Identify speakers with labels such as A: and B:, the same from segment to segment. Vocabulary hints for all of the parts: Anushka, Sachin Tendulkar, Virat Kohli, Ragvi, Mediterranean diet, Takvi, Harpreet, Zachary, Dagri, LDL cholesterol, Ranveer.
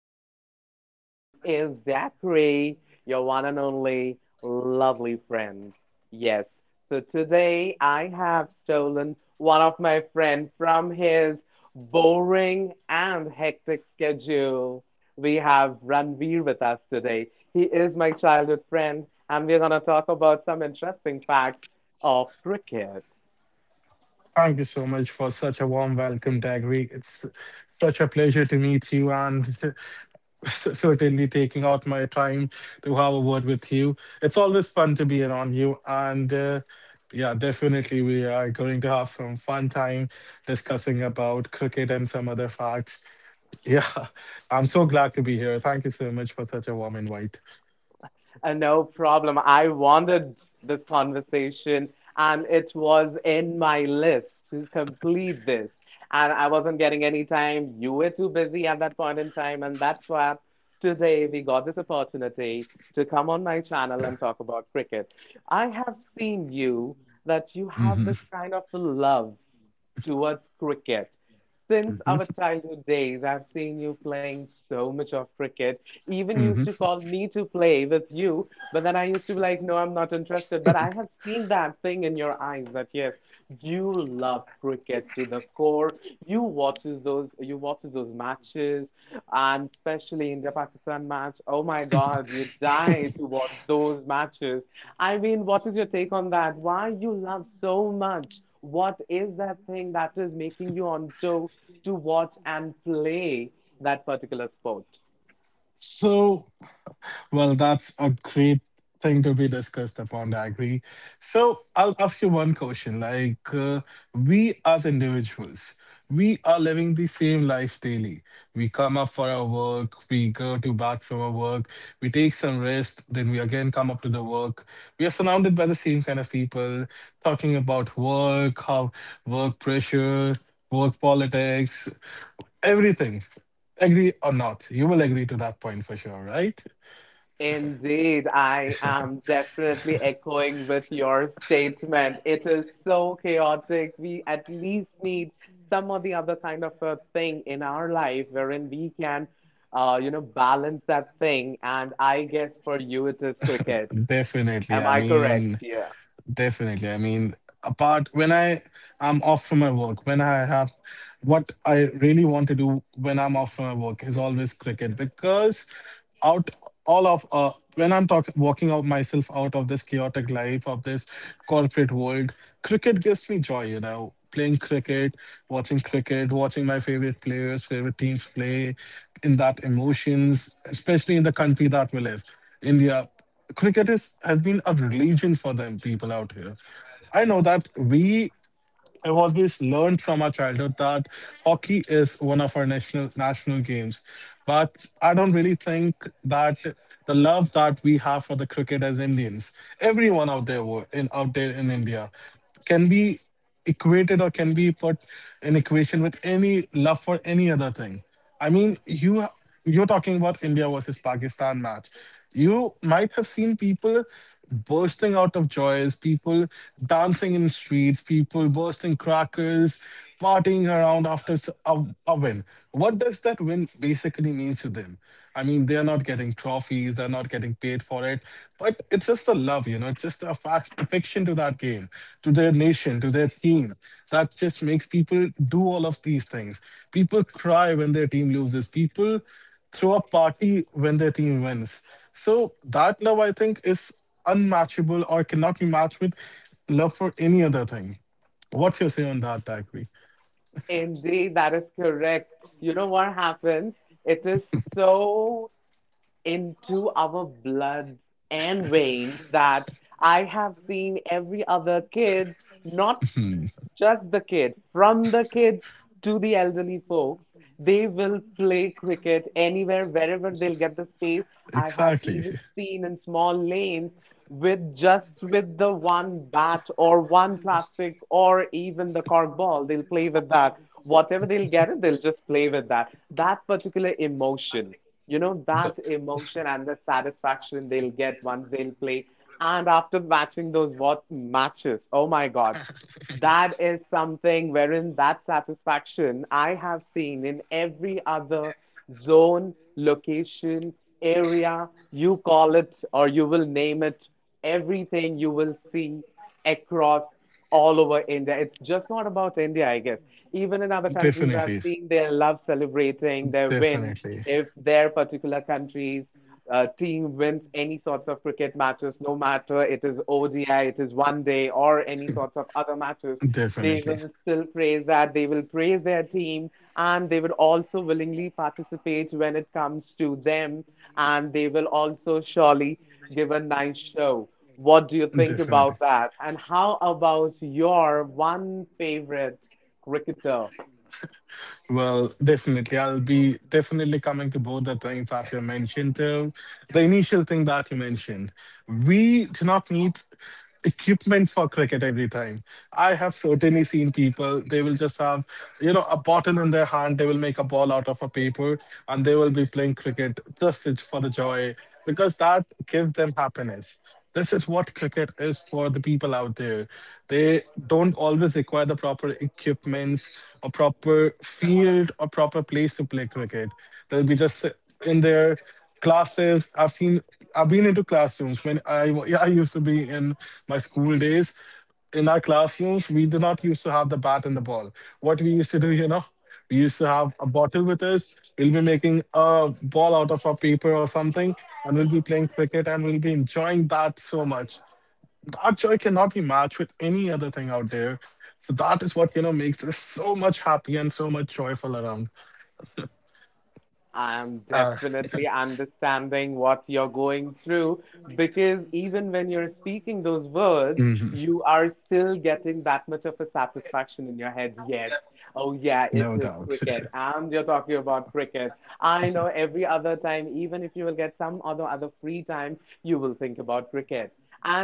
A: channel. This is Zachary, your one and only lovely friend. Yes, so today I have stolen one of my friends from his boring and hectic schedule. We have Ranveer with us today. He is my childhood friend, and we're going to talk about some interesting facts of cricket.
B: Thank you so much for such a warm welcome, Dagri. It's such a pleasure to meet you and certainly taking out my time to have a word with you. It's always fun to be around you. And Yeah, definitely, we are going to have some fun time discussing about cricket and some other facts. Yeah, I'm so glad to be here. Thank you so much for such a warm invite.
A: No problem. I wanted this conversation, and it was in my list to complete this. And I wasn't getting any time. You were too busy at that point in time, and that's why today we got this opportunity to come on my channel and talk about cricket. I have seen you that you have this kind of love towards cricket. Since our childhood days, I've seen you playing so much of cricket even used to
B: Mhm.
A: call me to play with you, but then I used to be like, no, I'm not interested. But I have seen that thing in your eyes that yes, you love cricket to the core. You watches those matches and especially India Pakistan match. Oh my God, you die to watch those matches. I mean, what is your take on that? Why you love so much? What is that thing that is making you on toe to watch and play that particular sport?
B: So, Well, that's a great thing to be discussed upon. I agree. So I'll ask you one question. We as individuals, we are living the same life daily. We come up for our work, we go to back from our work, we take some rest, then we again come up to the work. We are surrounded by the same kind of people talking about work, how work pressure, work politics, everything. Agree or not, you will agree to that point for sure, right?
A: Indeed, I am definitely echoing with your statement. It is so chaotic. We at least need some or the other kind of a thing in our life wherein we can, balance that thing. And I guess for you, it is cricket.
B: Definitely.
A: Am
B: I
A: I correct?
B: mean,
A: Yeah.
B: definitely. I mean, apart when I'm off from my work, when I have what I really want to do when I'm off from my work is always cricket because out all of when I'm talking walking out myself out of this chaotic life of this corporate world, cricket gives me joy, you know. Playing cricket, watching my favorite players, favorite teams play, in that emotions, especially in the country that we live, India cricket is has been a religion for the people out here. I know that we have always learned from our childhood that hockey is one of our national games, but I don't really think that the love that we have for the cricket as Indians, everyone out there in out there in India, can be equated or can be put in equation with any love for any other thing. I mean, you. You're talking about India versus Pakistan match. You might have seen people bursting out of joys, people dancing in streets, people bursting crackers, partying around after a win. What does that win basically mean to them? I mean, they're not getting trophies, they're not getting paid for it, but it's just the love, you know, it's just a fac affection to that game, to their nation, to their team. That just makes people do all of these things. People cry when their team loses. People throw a party when their team wins. So that love, I think, is unmatchable or cannot be matched with love for any other thing. What's your say on that, Takvi?
A: Indeed, that is correct. You know what happens? It is so into our bloods and veins that I have seen every other kid not just the kids, from the kids to the elderly folks, they will play cricket anywhere, wherever they'll get the space. I have
B: Exactly.
A: even seen in small lanes with just with the one bat or one plastic or even the cork ball, they'll play with that. Whatever they'll get it, they'll just play with that. That particular emotion,
B: The-
A: that emotion and the satisfaction they'll get once they'll play. And after watching those what matches, oh my God. That is something wherein that satisfaction I have seen in every other zone, location, area, you call it or you will name it, everything you will see across all over India. It's just not about India, I guess. Even in other countries, I've
B: definitely.
A: seen their love celebrating their win
B: Definitely.
A: if their particular countries team wins any sorts of cricket matches, no matter it is ODI, it is one day, or any sorts of other matches, they
B: Definitely.
A: will still praise that. They will praise their team, and they will also willingly participate when it comes to them, and they will also surely give a nice show. What do you think
B: Definitely.
A: about that? And how about your one favorite cricketer?
B: Well, definitely. I'll be definitely coming to both the things that you mentioned to the initial thing that you mentioned. We do not need equipments for cricket every time. I have certainly seen people, they will just have, you know, a bottle in their hand, they will make a ball out of a paper and they will be playing cricket for the joy because that gives them happiness, this is what cricket is for the people out there. They don't always require the proper equipments or proper field or proper place to play cricket. They'll be just in their classes. I've seen I've been into classrooms when I used to be in my school days in our classrooms, we do not used to have the bat and the ball. What we used to do, you know, we used to have a bottle with us. We'll be making a ball out of a paper or something, and we'll be playing cricket and we'll be enjoying that so much. That joy cannot be matched with any other thing out there. So that is what, you know, makes us so much happy and so much joyful around.
A: I'm
B: Uh,
A: definitely understanding what you're going through because even when you're speaking those words, you are still getting that much of a satisfaction in your head. Yes. Oh, yeah, it
B: no
A: is
B: doubt,
A: cricket. And you're talking about cricket. I know every other time, even if you will get some other free time, you will think about cricket.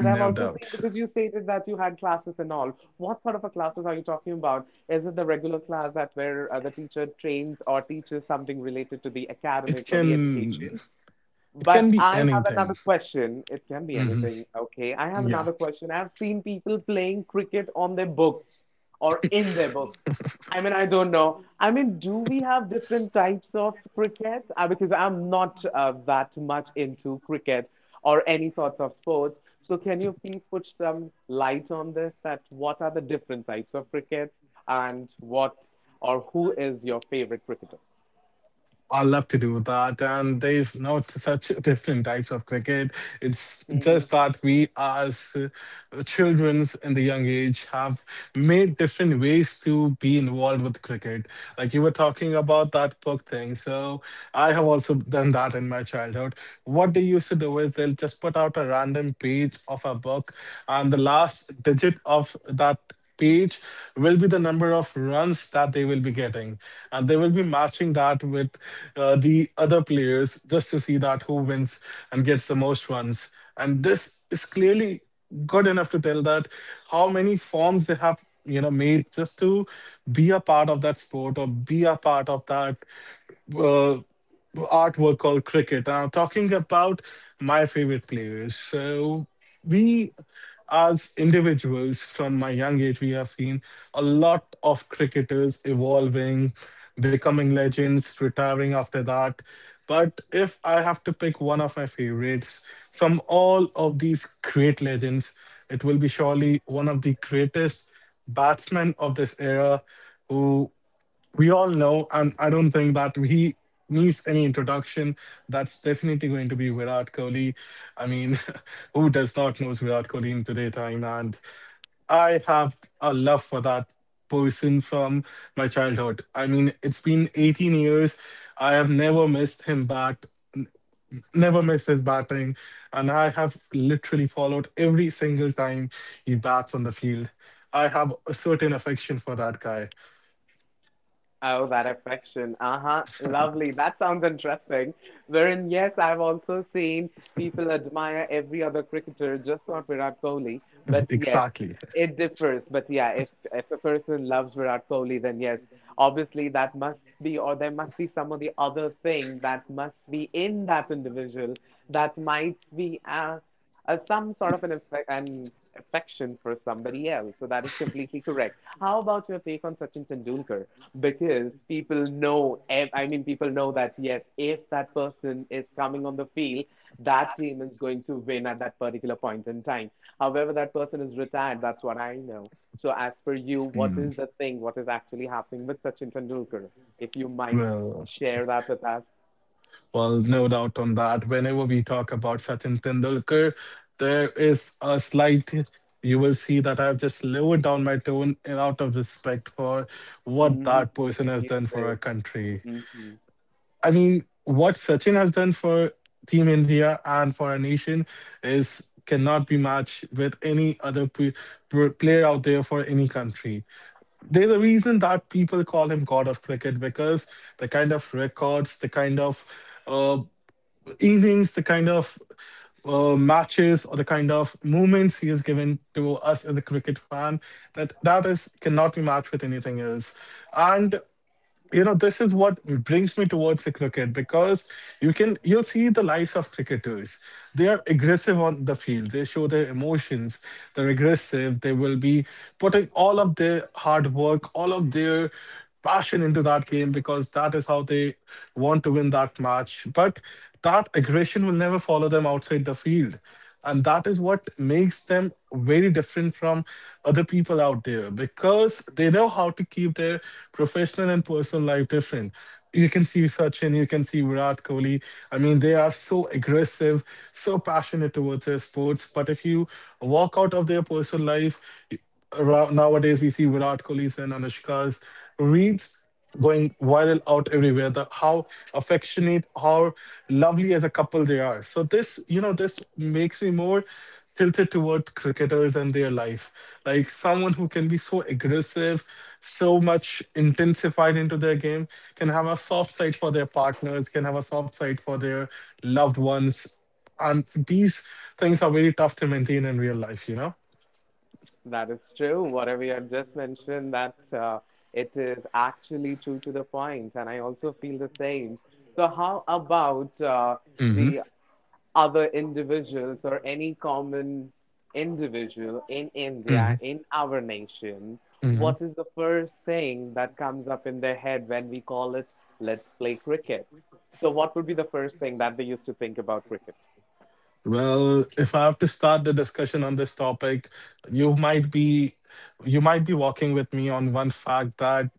A: I've
B: no
A: also seen
B: doubt.
A: because you stated that you had classes and all. What sort of a classes are you talking about? Is it the regular class that where the teacher trains or teaches something related to the
B: It
A: academics or the
B: can
A: education?
B: it
A: But
B: can be
A: I have another
B: anything.
A: question. It can be
B: Hmm.
A: anything. Okay. I have
B: Yeah.
A: another question. I've seen people playing cricket on their books or in their book. I mean, I don't know. I mean, do we have different types of cricket? Because I'm not that much into cricket or any sorts of sports. So can you please put some light on this, that what are the different types of cricket and what or who is your favorite cricketer?
B: I love to do that, and there's not such different types of cricket. It's just that we, as childrens in the young age, have made different ways to be involved with cricket. Like you were talking about that book thing, so I have also done that in my childhood. What they used to do is they'll just put out a random page of a book, and the last digit of that page will be the number of runs that they will be getting and they will be matching that with the other players just to see that who wins and gets the most runs, and this is clearly good enough to tell that how many forms they have, you know, made just to be a part of that sport or be a part of that uh, artwork called Cricket. I'm talking about my favorite players. So we as individuals from my young age, we have seen a lot of cricketers evolving, becoming legends, retiring after that. But if I have to pick one of my favorites from all of these great legends, it will be surely one of the greatest batsmen of this era who we all know, and I don't think that he needs any introduction. That's definitely going to be Virat Kohli. I mean, who does not know Virat Kohli in today's time? And I have a love for that person from my childhood. I mean, it's been 18 years. I have never missed him bat, never missed his batting, and I have literally followed every single time he bats on the field. I have a certain affection for that guy.
A: Oh, that affection. Uh-huh. Lovely. That sounds interesting. Wherein, yes, I've also seen people admire every other cricketer, just not Virat Kohli. But yes,
B: Exactly.
A: it differs. But yeah, if a person loves Virat Kohli, then yes, obviously that must be, or there must be some of the other thing that must be in that individual that might be some sort of an affec an affection for somebody else. So that is completely correct. How about your take on Sachin Tendulkar? Because people know, I mean, people know that yes, if that person is coming on the field, that team is going to win at that particular point in time. However, that person is retired, that's what I know. So as per you, what is the thing, what is actually happening with Sachin Tendulkar, if you might
B: Well,
A: share that with us.
B: well, no doubt on that. Whenever we talk about Sachin Tendulkar, there is a slight, you will see that I've just lowered down my tone out of respect for what
A: Hmm.
B: that person has
A: You
B: done for our
A: did.
B: country.
A: Hmm.
B: I mean, what Sachin has done for Team India and for our nation is cannot be matched with any other player out there for any country. There's a reason that people call him God of Cricket because the kind of records, the kind of uh, innings, the kind of matches, or the kind of moments he has given to us as a cricket fan, that that is cannot be matched with anything else. And you know this is what brings me towards the cricket because you see the lives of cricketers, they are aggressive on the field, they show their emotions, they're aggressive, they will be putting all of their hard work, all of their passion into that game because that is how they want to win that match, but that aggression will never follow them outside the field, and that is what makes them very different from other people out there because they know how to keep their professional and personal life different. You can see Sachin, you can see Virat Kohli. I mean, they are so aggressive, so passionate towards their sports. But if you walk out of their personal life, y- around, nowadays we see Virat Kohli's and Anushka's reads going viral out everywhere, the how affectionate, how lovely as a couple they are, so this, you know, this makes me more tilted toward cricketers and their life, like someone who can be so aggressive, so much intensified into their game, can have a soft side for their partners, can have a soft side for their loved ones, and these things are very tough to maintain in real life, you know.
A: That is true. Whatever you have just mentioned, that it is actually true to the point, and I also feel the same. So, how about
B: Mm-hmm.
A: the other individuals or any common individual in India,
B: Hmm.
A: in our nation?
B: Hmm.
A: What is the first thing that comes up in their head when we call it "Let's play cricket"? So, what would be the first thing that they used to think about cricket?
B: Well, if I have to start the discussion on this topic, you might be you might be walking with me on one fact that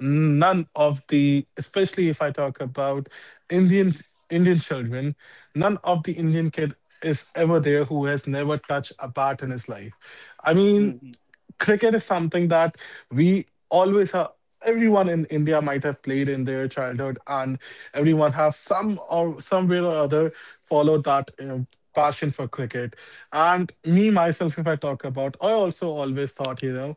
B: none of the especially if I talk about Indian Indian children, none of the Indian kid is ever there who has never touched a bat in his life. I mean, cricket is something that we always are everyone in India might have played in their childhood, and everyone have some or somewhere or other followed that, passion for cricket. And me myself, if I talk about, I also always thought,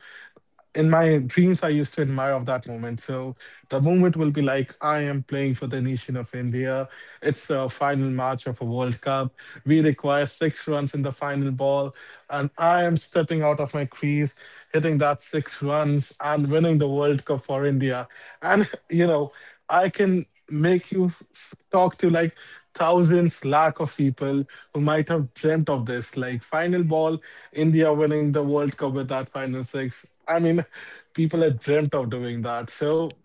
B: in my dreams I used to admire of that moment. So the moment will be like I am playing for the nation of India. It's a final match of a World Cup. We require six runs in the final ball, and I am stepping out of my crease, hitting that six runs and winning the World Cup for India. And I can make you talk to like thousands lakh of people who might have dreamt of this, like, final ball, India winning the World Cup with that final six. I mean, people have dreamt of doing that. So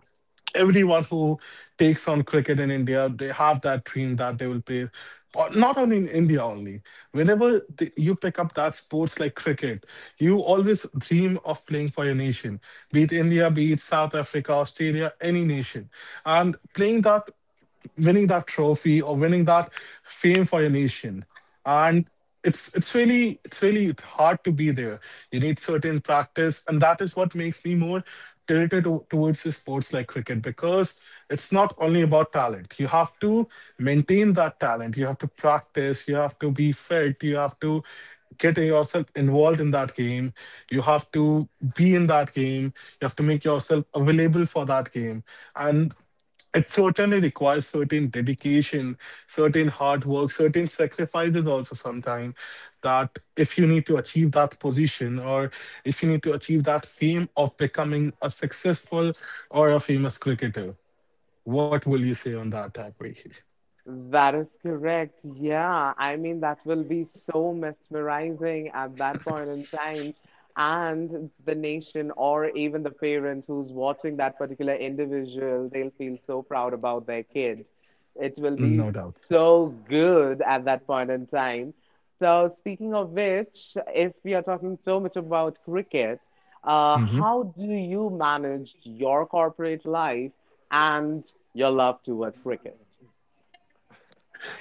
B: everyone who takes on cricket in India, they have that dream that they will play. Or not only in India only, whenever you pick up that sports like cricket, you always dream of playing for your nation. Be it India, be it South Africa, Australia, any nation, and playing that, winning that trophy, or winning that fame for your nation. And it's really hard to be there. You need certain practice, and that is what makes me more tilted towards the sports like cricket, because it's not only about talent. You have to maintain that talent, you have to practice, you have to be fit, you have to get yourself involved in that game, you have to be in that game, you have to make yourself available for that game. And it certainly requires certain dedication, certain hard work, certain sacrifices also sometimes, that if you need to achieve that position, or if you need to achieve that fame of becoming a successful or a famous cricketer. What will you say on that, Harpreet?
A: That is correct. Yeah. I mean, that will be so mesmerizing at that point in time. And the nation, or even the parents who's watching that particular individual, they'll feel so proud about their kid. It will
B: No
A: be
B: doubt.
A: so good at that point in time. So, speaking of which, if we are talking so much about cricket,
B: Mm-hmm.
A: how do you manage your corporate life and your love towards cricket?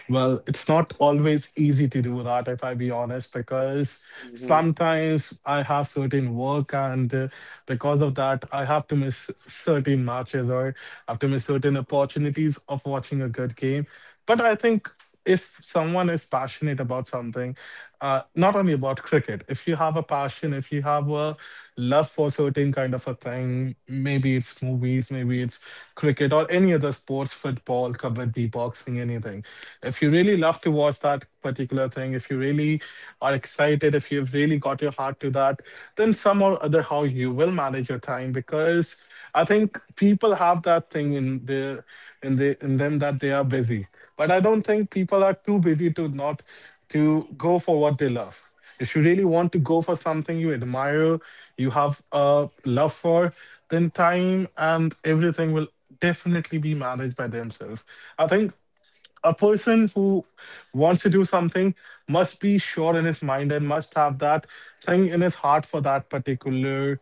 B: Well, it's not always easy to do that, if I be honest, because sometimes I have certain work, and because of that, I have to miss certain matches, or have to miss certain opportunities of watching a good game. But I think, if someone is passionate about something, not only about cricket, if you have a passion, if you have a love for certain kind of a thing, maybe it's movies, maybe it's cricket, or any other sports, football, kabaddi, boxing, anything. If you really love to watch that particular thing, if you really are excited, if you've really got your heart to that, then some or other how you will manage your time. Because I think people have that thing in their in them, that they are busy. But I don't think people are too busy to not to go for what they love. If you really want to go for something you admire, you have a love for, then time and everything will definitely be managed by themselves. I think a person who wants to do something must be sure in his mind and must have that thing in his heart for that particular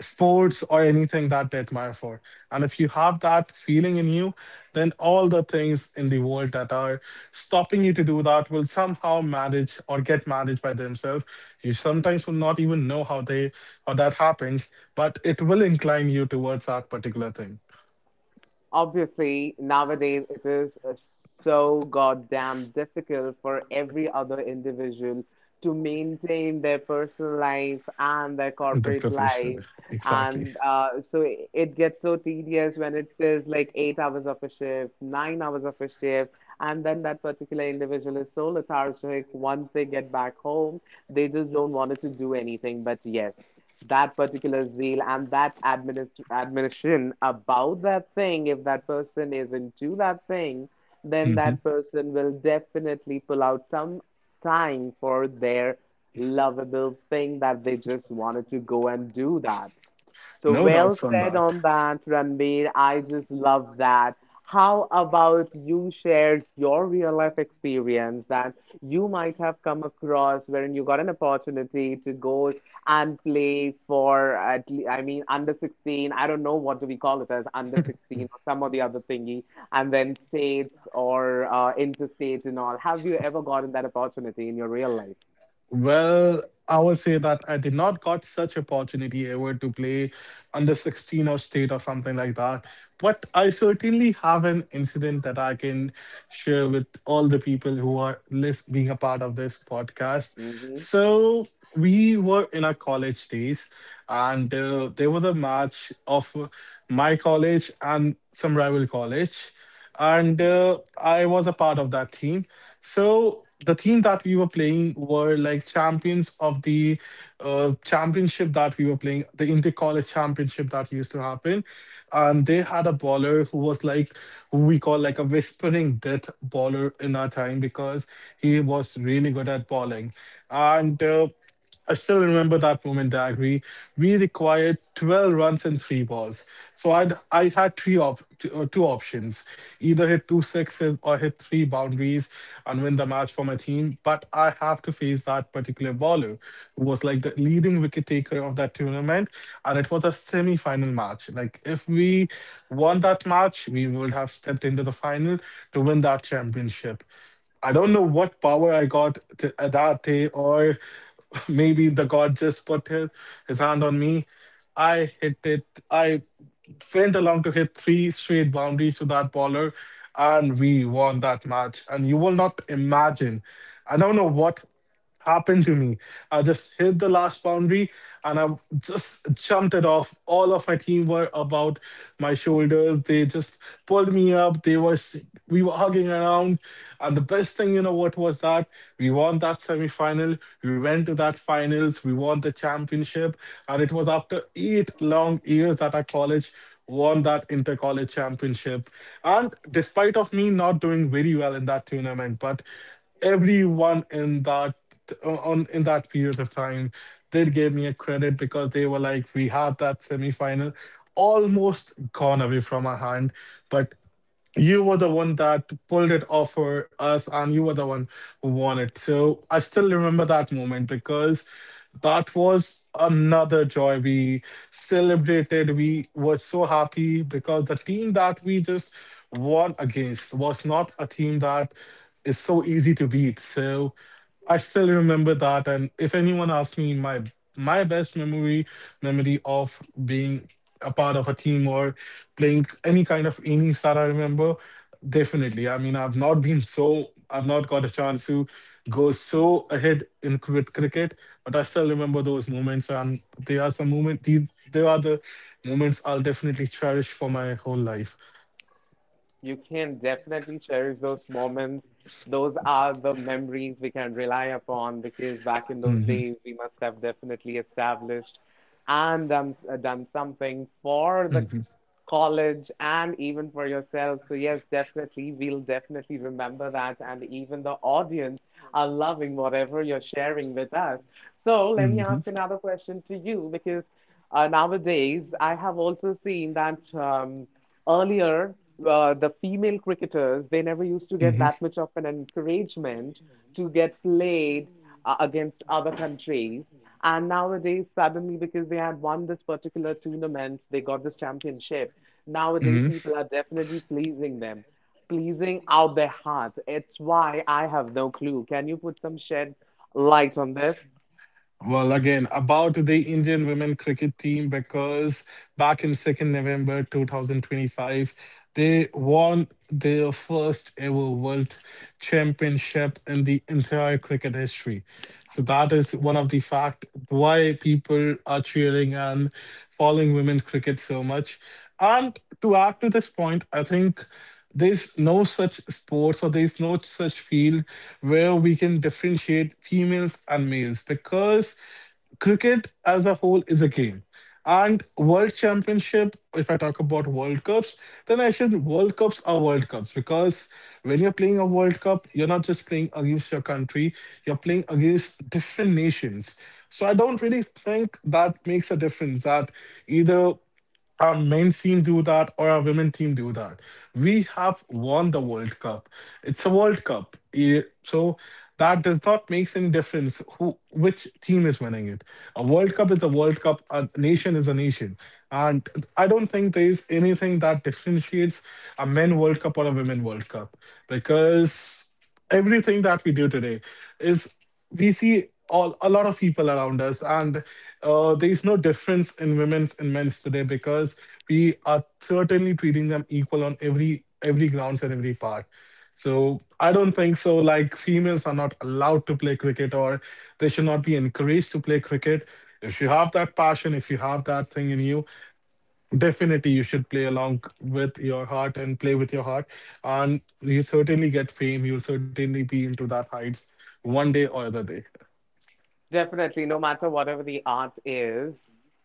B: sports or anything that they admire for. And if you have that feeling in you, then all the things in the world that are stopping you to do that will somehow manage or get managed by themselves. You sometimes will not even know how that happens, but it will incline you towards that particular thing.
A: Obviously, nowadays it is so goddamn difficult for every other individual to maintain their personal life and their
B: The
A: corporate life.
B: professional. Exactly.
A: And so it gets so tedious when it is like 8 hours of a shift, 9 hours of a shift, and then that particular individual is so lethargic. Once they get back home, they just don't want to do anything, but yes, that particular zeal and that admonition about that thing, if that person is into that thing, then that person will definitely pull out some time for their lovable thing that they just wanted to go and do that. So
B: No
A: well
B: doubts on
A: said
B: that.
A: on that, Ranveer. I just love that. How about you share your real life experience that you might have come across wherein you got an opportunity to go and play for at le I mean under 16, I don't know what do we call it as under 16 or some of the other thingy, and then states or interstate and all. Have you ever gotten that opportunity in your real life?
B: Well, I would say that I did not got such opportunity ever to play under 16 or state or something like that. But I certainly have an incident that I can share with all the people who are being a part of this podcast.
A: Mm-hmm.
B: So we were in our college days, and there was a match of my college and some rival college. And I was a part of that team. So the team that we were playing were like champions of the championship that we were playing, the inter college championship that used to happen. And they had a baller who was like, who we call like a whispering death baller in our time, because he was really good at balling. And I still remember that moment, Dagri. We required 12 runs and three balls. So I had two options: either hit two sixes or hit three boundaries and win the match for my team. But I have to face that particular bowler who was like the leading wicket taker of that tournament. And it was a semi final match. Like, if we won that match, we would have stepped into the final to win that championship. I don't know what power I got to, that day, or maybe the god just put his hand on me. I hit it. I went along to hit three straight boundaries to that baller, and we won that match. And you will not imagine. I don't know what happened to me. I just hit the last boundary, and I just jumped it off. All of my team were about my shoulders. They just pulled me up. We were hugging around. And the best thing, what was that? We won that semi-final. We went to that finals. We won the championship. And it was after 8 long years that our college won that inter-college championship. And despite of me not doing very well in that tournament, but everyone in that period of time did give me a credit, because they were like, we had that semifinal almost gone away from our hand, but you were the one that pulled it off for us, and you were the one who won it. So I still remember that moment, because that was another joy. We celebrated, we were so happy, because the team that we just won against was not a team that is so easy to beat. So I still remember that, and if anyone asks me my best memory of being a part of a team or playing any kind of innings that I remember, definitely. I mean, I've not got a chance to go so ahead in with cricket, but I still remember those moments. And they are the moments I'll definitely cherish for my whole life.
A: You can definitely cherish those moments. Those are the memories we can rely upon because back in those
B: Hmm.
A: days, we must have definitely established and done, done something for the
B: Hmm.
A: college and even for yourself. So, yes, definitely, we'll definitely remember that. And even the audience are loving whatever you're sharing with us. So, let me ask
B: Hmm.
A: another question to you because nowadays I have also seen that. Earlier the female cricketers, they never used to get
B: Hmm.
A: that much of an encouragement to get played against other countries. And nowadays, suddenly, because they had won this particular tournament, they got this championship, nowadays
B: Mhm.
A: people are definitely pleasing them, pleasing out their heart. It's why I have no clue. Can you put some shed light on this?
B: Well, again, about the Indian women cricket team, because back in 2nd November 2025, they won their first ever world championship in the entire cricket history. So that is one of the fact why people are cheering and following women cricket so much. And to add to this point, I think there's no such sports or there's no such field where we can differentiate females and males, because cricket as a whole is a game. And World Championship, if I talk about World Cups, then I should World Cups are World Cups, because when you're playing a World Cup, you're not just playing against your country, you're playing against different nations. So I don't really think that makes a difference, that either our men's team do that or our women team do that. We have won the World Cup. It's a World Cup. So that does not make any difference who which team is winning it. A World Cup is a World Cup. A nation is a nation. And I don't think there is anything that differentiates a men World Cup or a women World Cup, because everything that we do today is, we see all a lot of people around us. And there is no difference in women's and men's today, because we are certainly treating them equal on every grounds and every part. So I don't think so, like, females are not allowed to play cricket, or they should not be encouraged to play cricket. If you have that passion, if you have that thing in you, definitely, you should play along with your heart and play with your heart. And you certainly get fame. You'll certainly be into that heights one day or other day.
A: Definitely, no matter whatever the art is,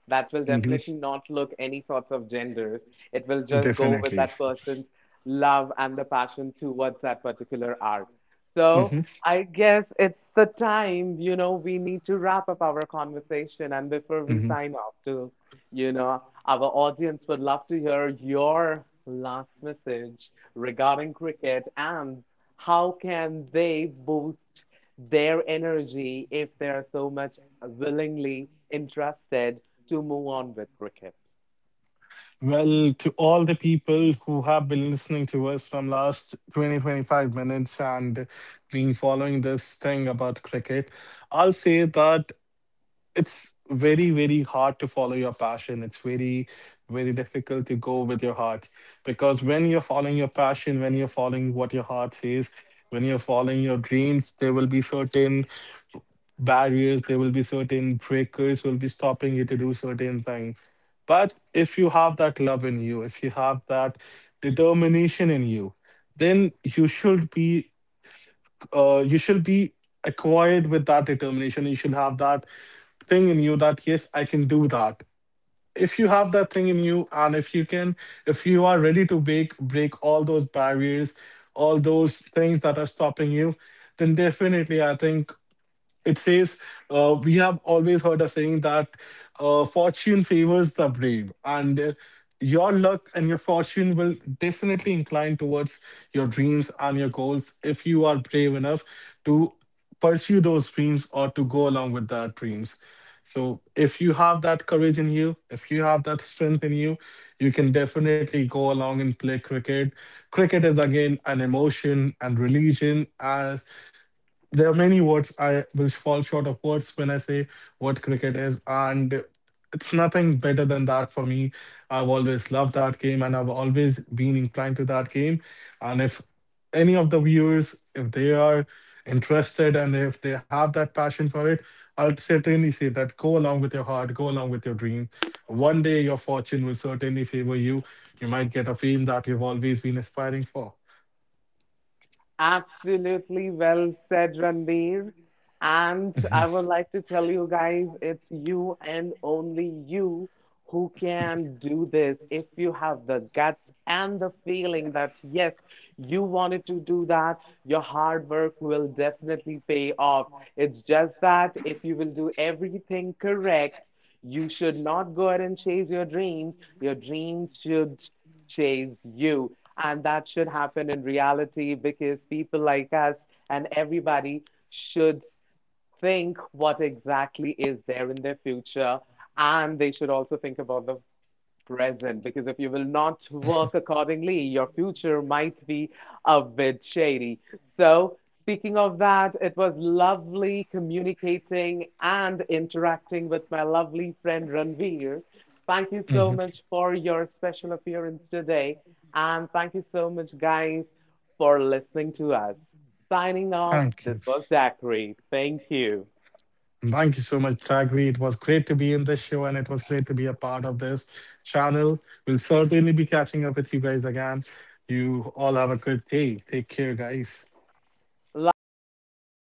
A: that will
B: Hmm.
A: definitely not look any sorts of genders. It will just go with
B: Definitely.
A: that person's love and the passion towards that particular art. So
B: Hmm.
A: I guess it's the time, you know, we need to wrap up our conversation. And before we
B: Hmm.
A: sign off to, you know, our audience would love to hear your last message regarding cricket and how can they boost their energy if they are so much willingly interested to move on with cricket.
B: Well, to all the people who have been listening to us from last 20-25 minutes and been following this thing about cricket, I'll say that it's very very hard to follow your passion. It's very very difficult to go with your heart, because when you're following your passion, when you're following what your heart says, when you're following your dreams, there will be certain barriers, there will be certain breakers will be stopping you to do certain things. But if you have that love in you, if you have that determination in you, then you should be acquired with that determination. You should have that thing in you, that yes, I can do that. If you have that thing in you, and if you can, if you are ready to break all those barriers, all those things that are stopping you, then definitely, I think it says, we have always heard a saying that fortune favors the brave, and your luck and your fortune will definitely incline towards your dreams and your goals if you are brave enough to pursue those dreams or to go along with that dreams. So, if you have that courage in you, if you have that strength in you, you can definitely go along and play cricket. Cricket is again an emotion and religion, as there are many words I will fall short of words when I say what cricket is, and it's nothing better than that for me. I've always loved that game, and I've always been inclined to that game. And if any of the viewers, if they are interested and if they have that passion for it, I'll certainly say that go along with your heart, go along with your dream. One day your fortune will certainly favor you. You might get a fame that you've always been aspiring for.
A: Absolutely well said, Ranbir. And I would like to tell you guys, it's you and only you who can do this. If you have the guts and the feeling that, yes, you wanted to do that, your hard work will definitely pay off. It's just that if you will do everything correct, you should not go ahead and chase your dreams. Your dreams should chase you. And that should happen in reality because people like us and everybody should think what exactly is there in their future. And they should also think about the present because if you will not work accordingly, your future might be a bit shady. So, speaking of that, it was lovely communicating and interacting with my lovely friend Ranveer. Thank you
B: Mhm.
A: so much for your special appearance today. And thank you so much, guys, for listening to us. Signing off,
B: Thank you.
A: this was Zachary. Thank you.
B: Thank you so much, Ragvi. It was great to be in this show, and it was great to be a part of this channel. We'll certainly be catching up with you guys again. You all have a good day. Take care, guys.
A: Likewise, guys.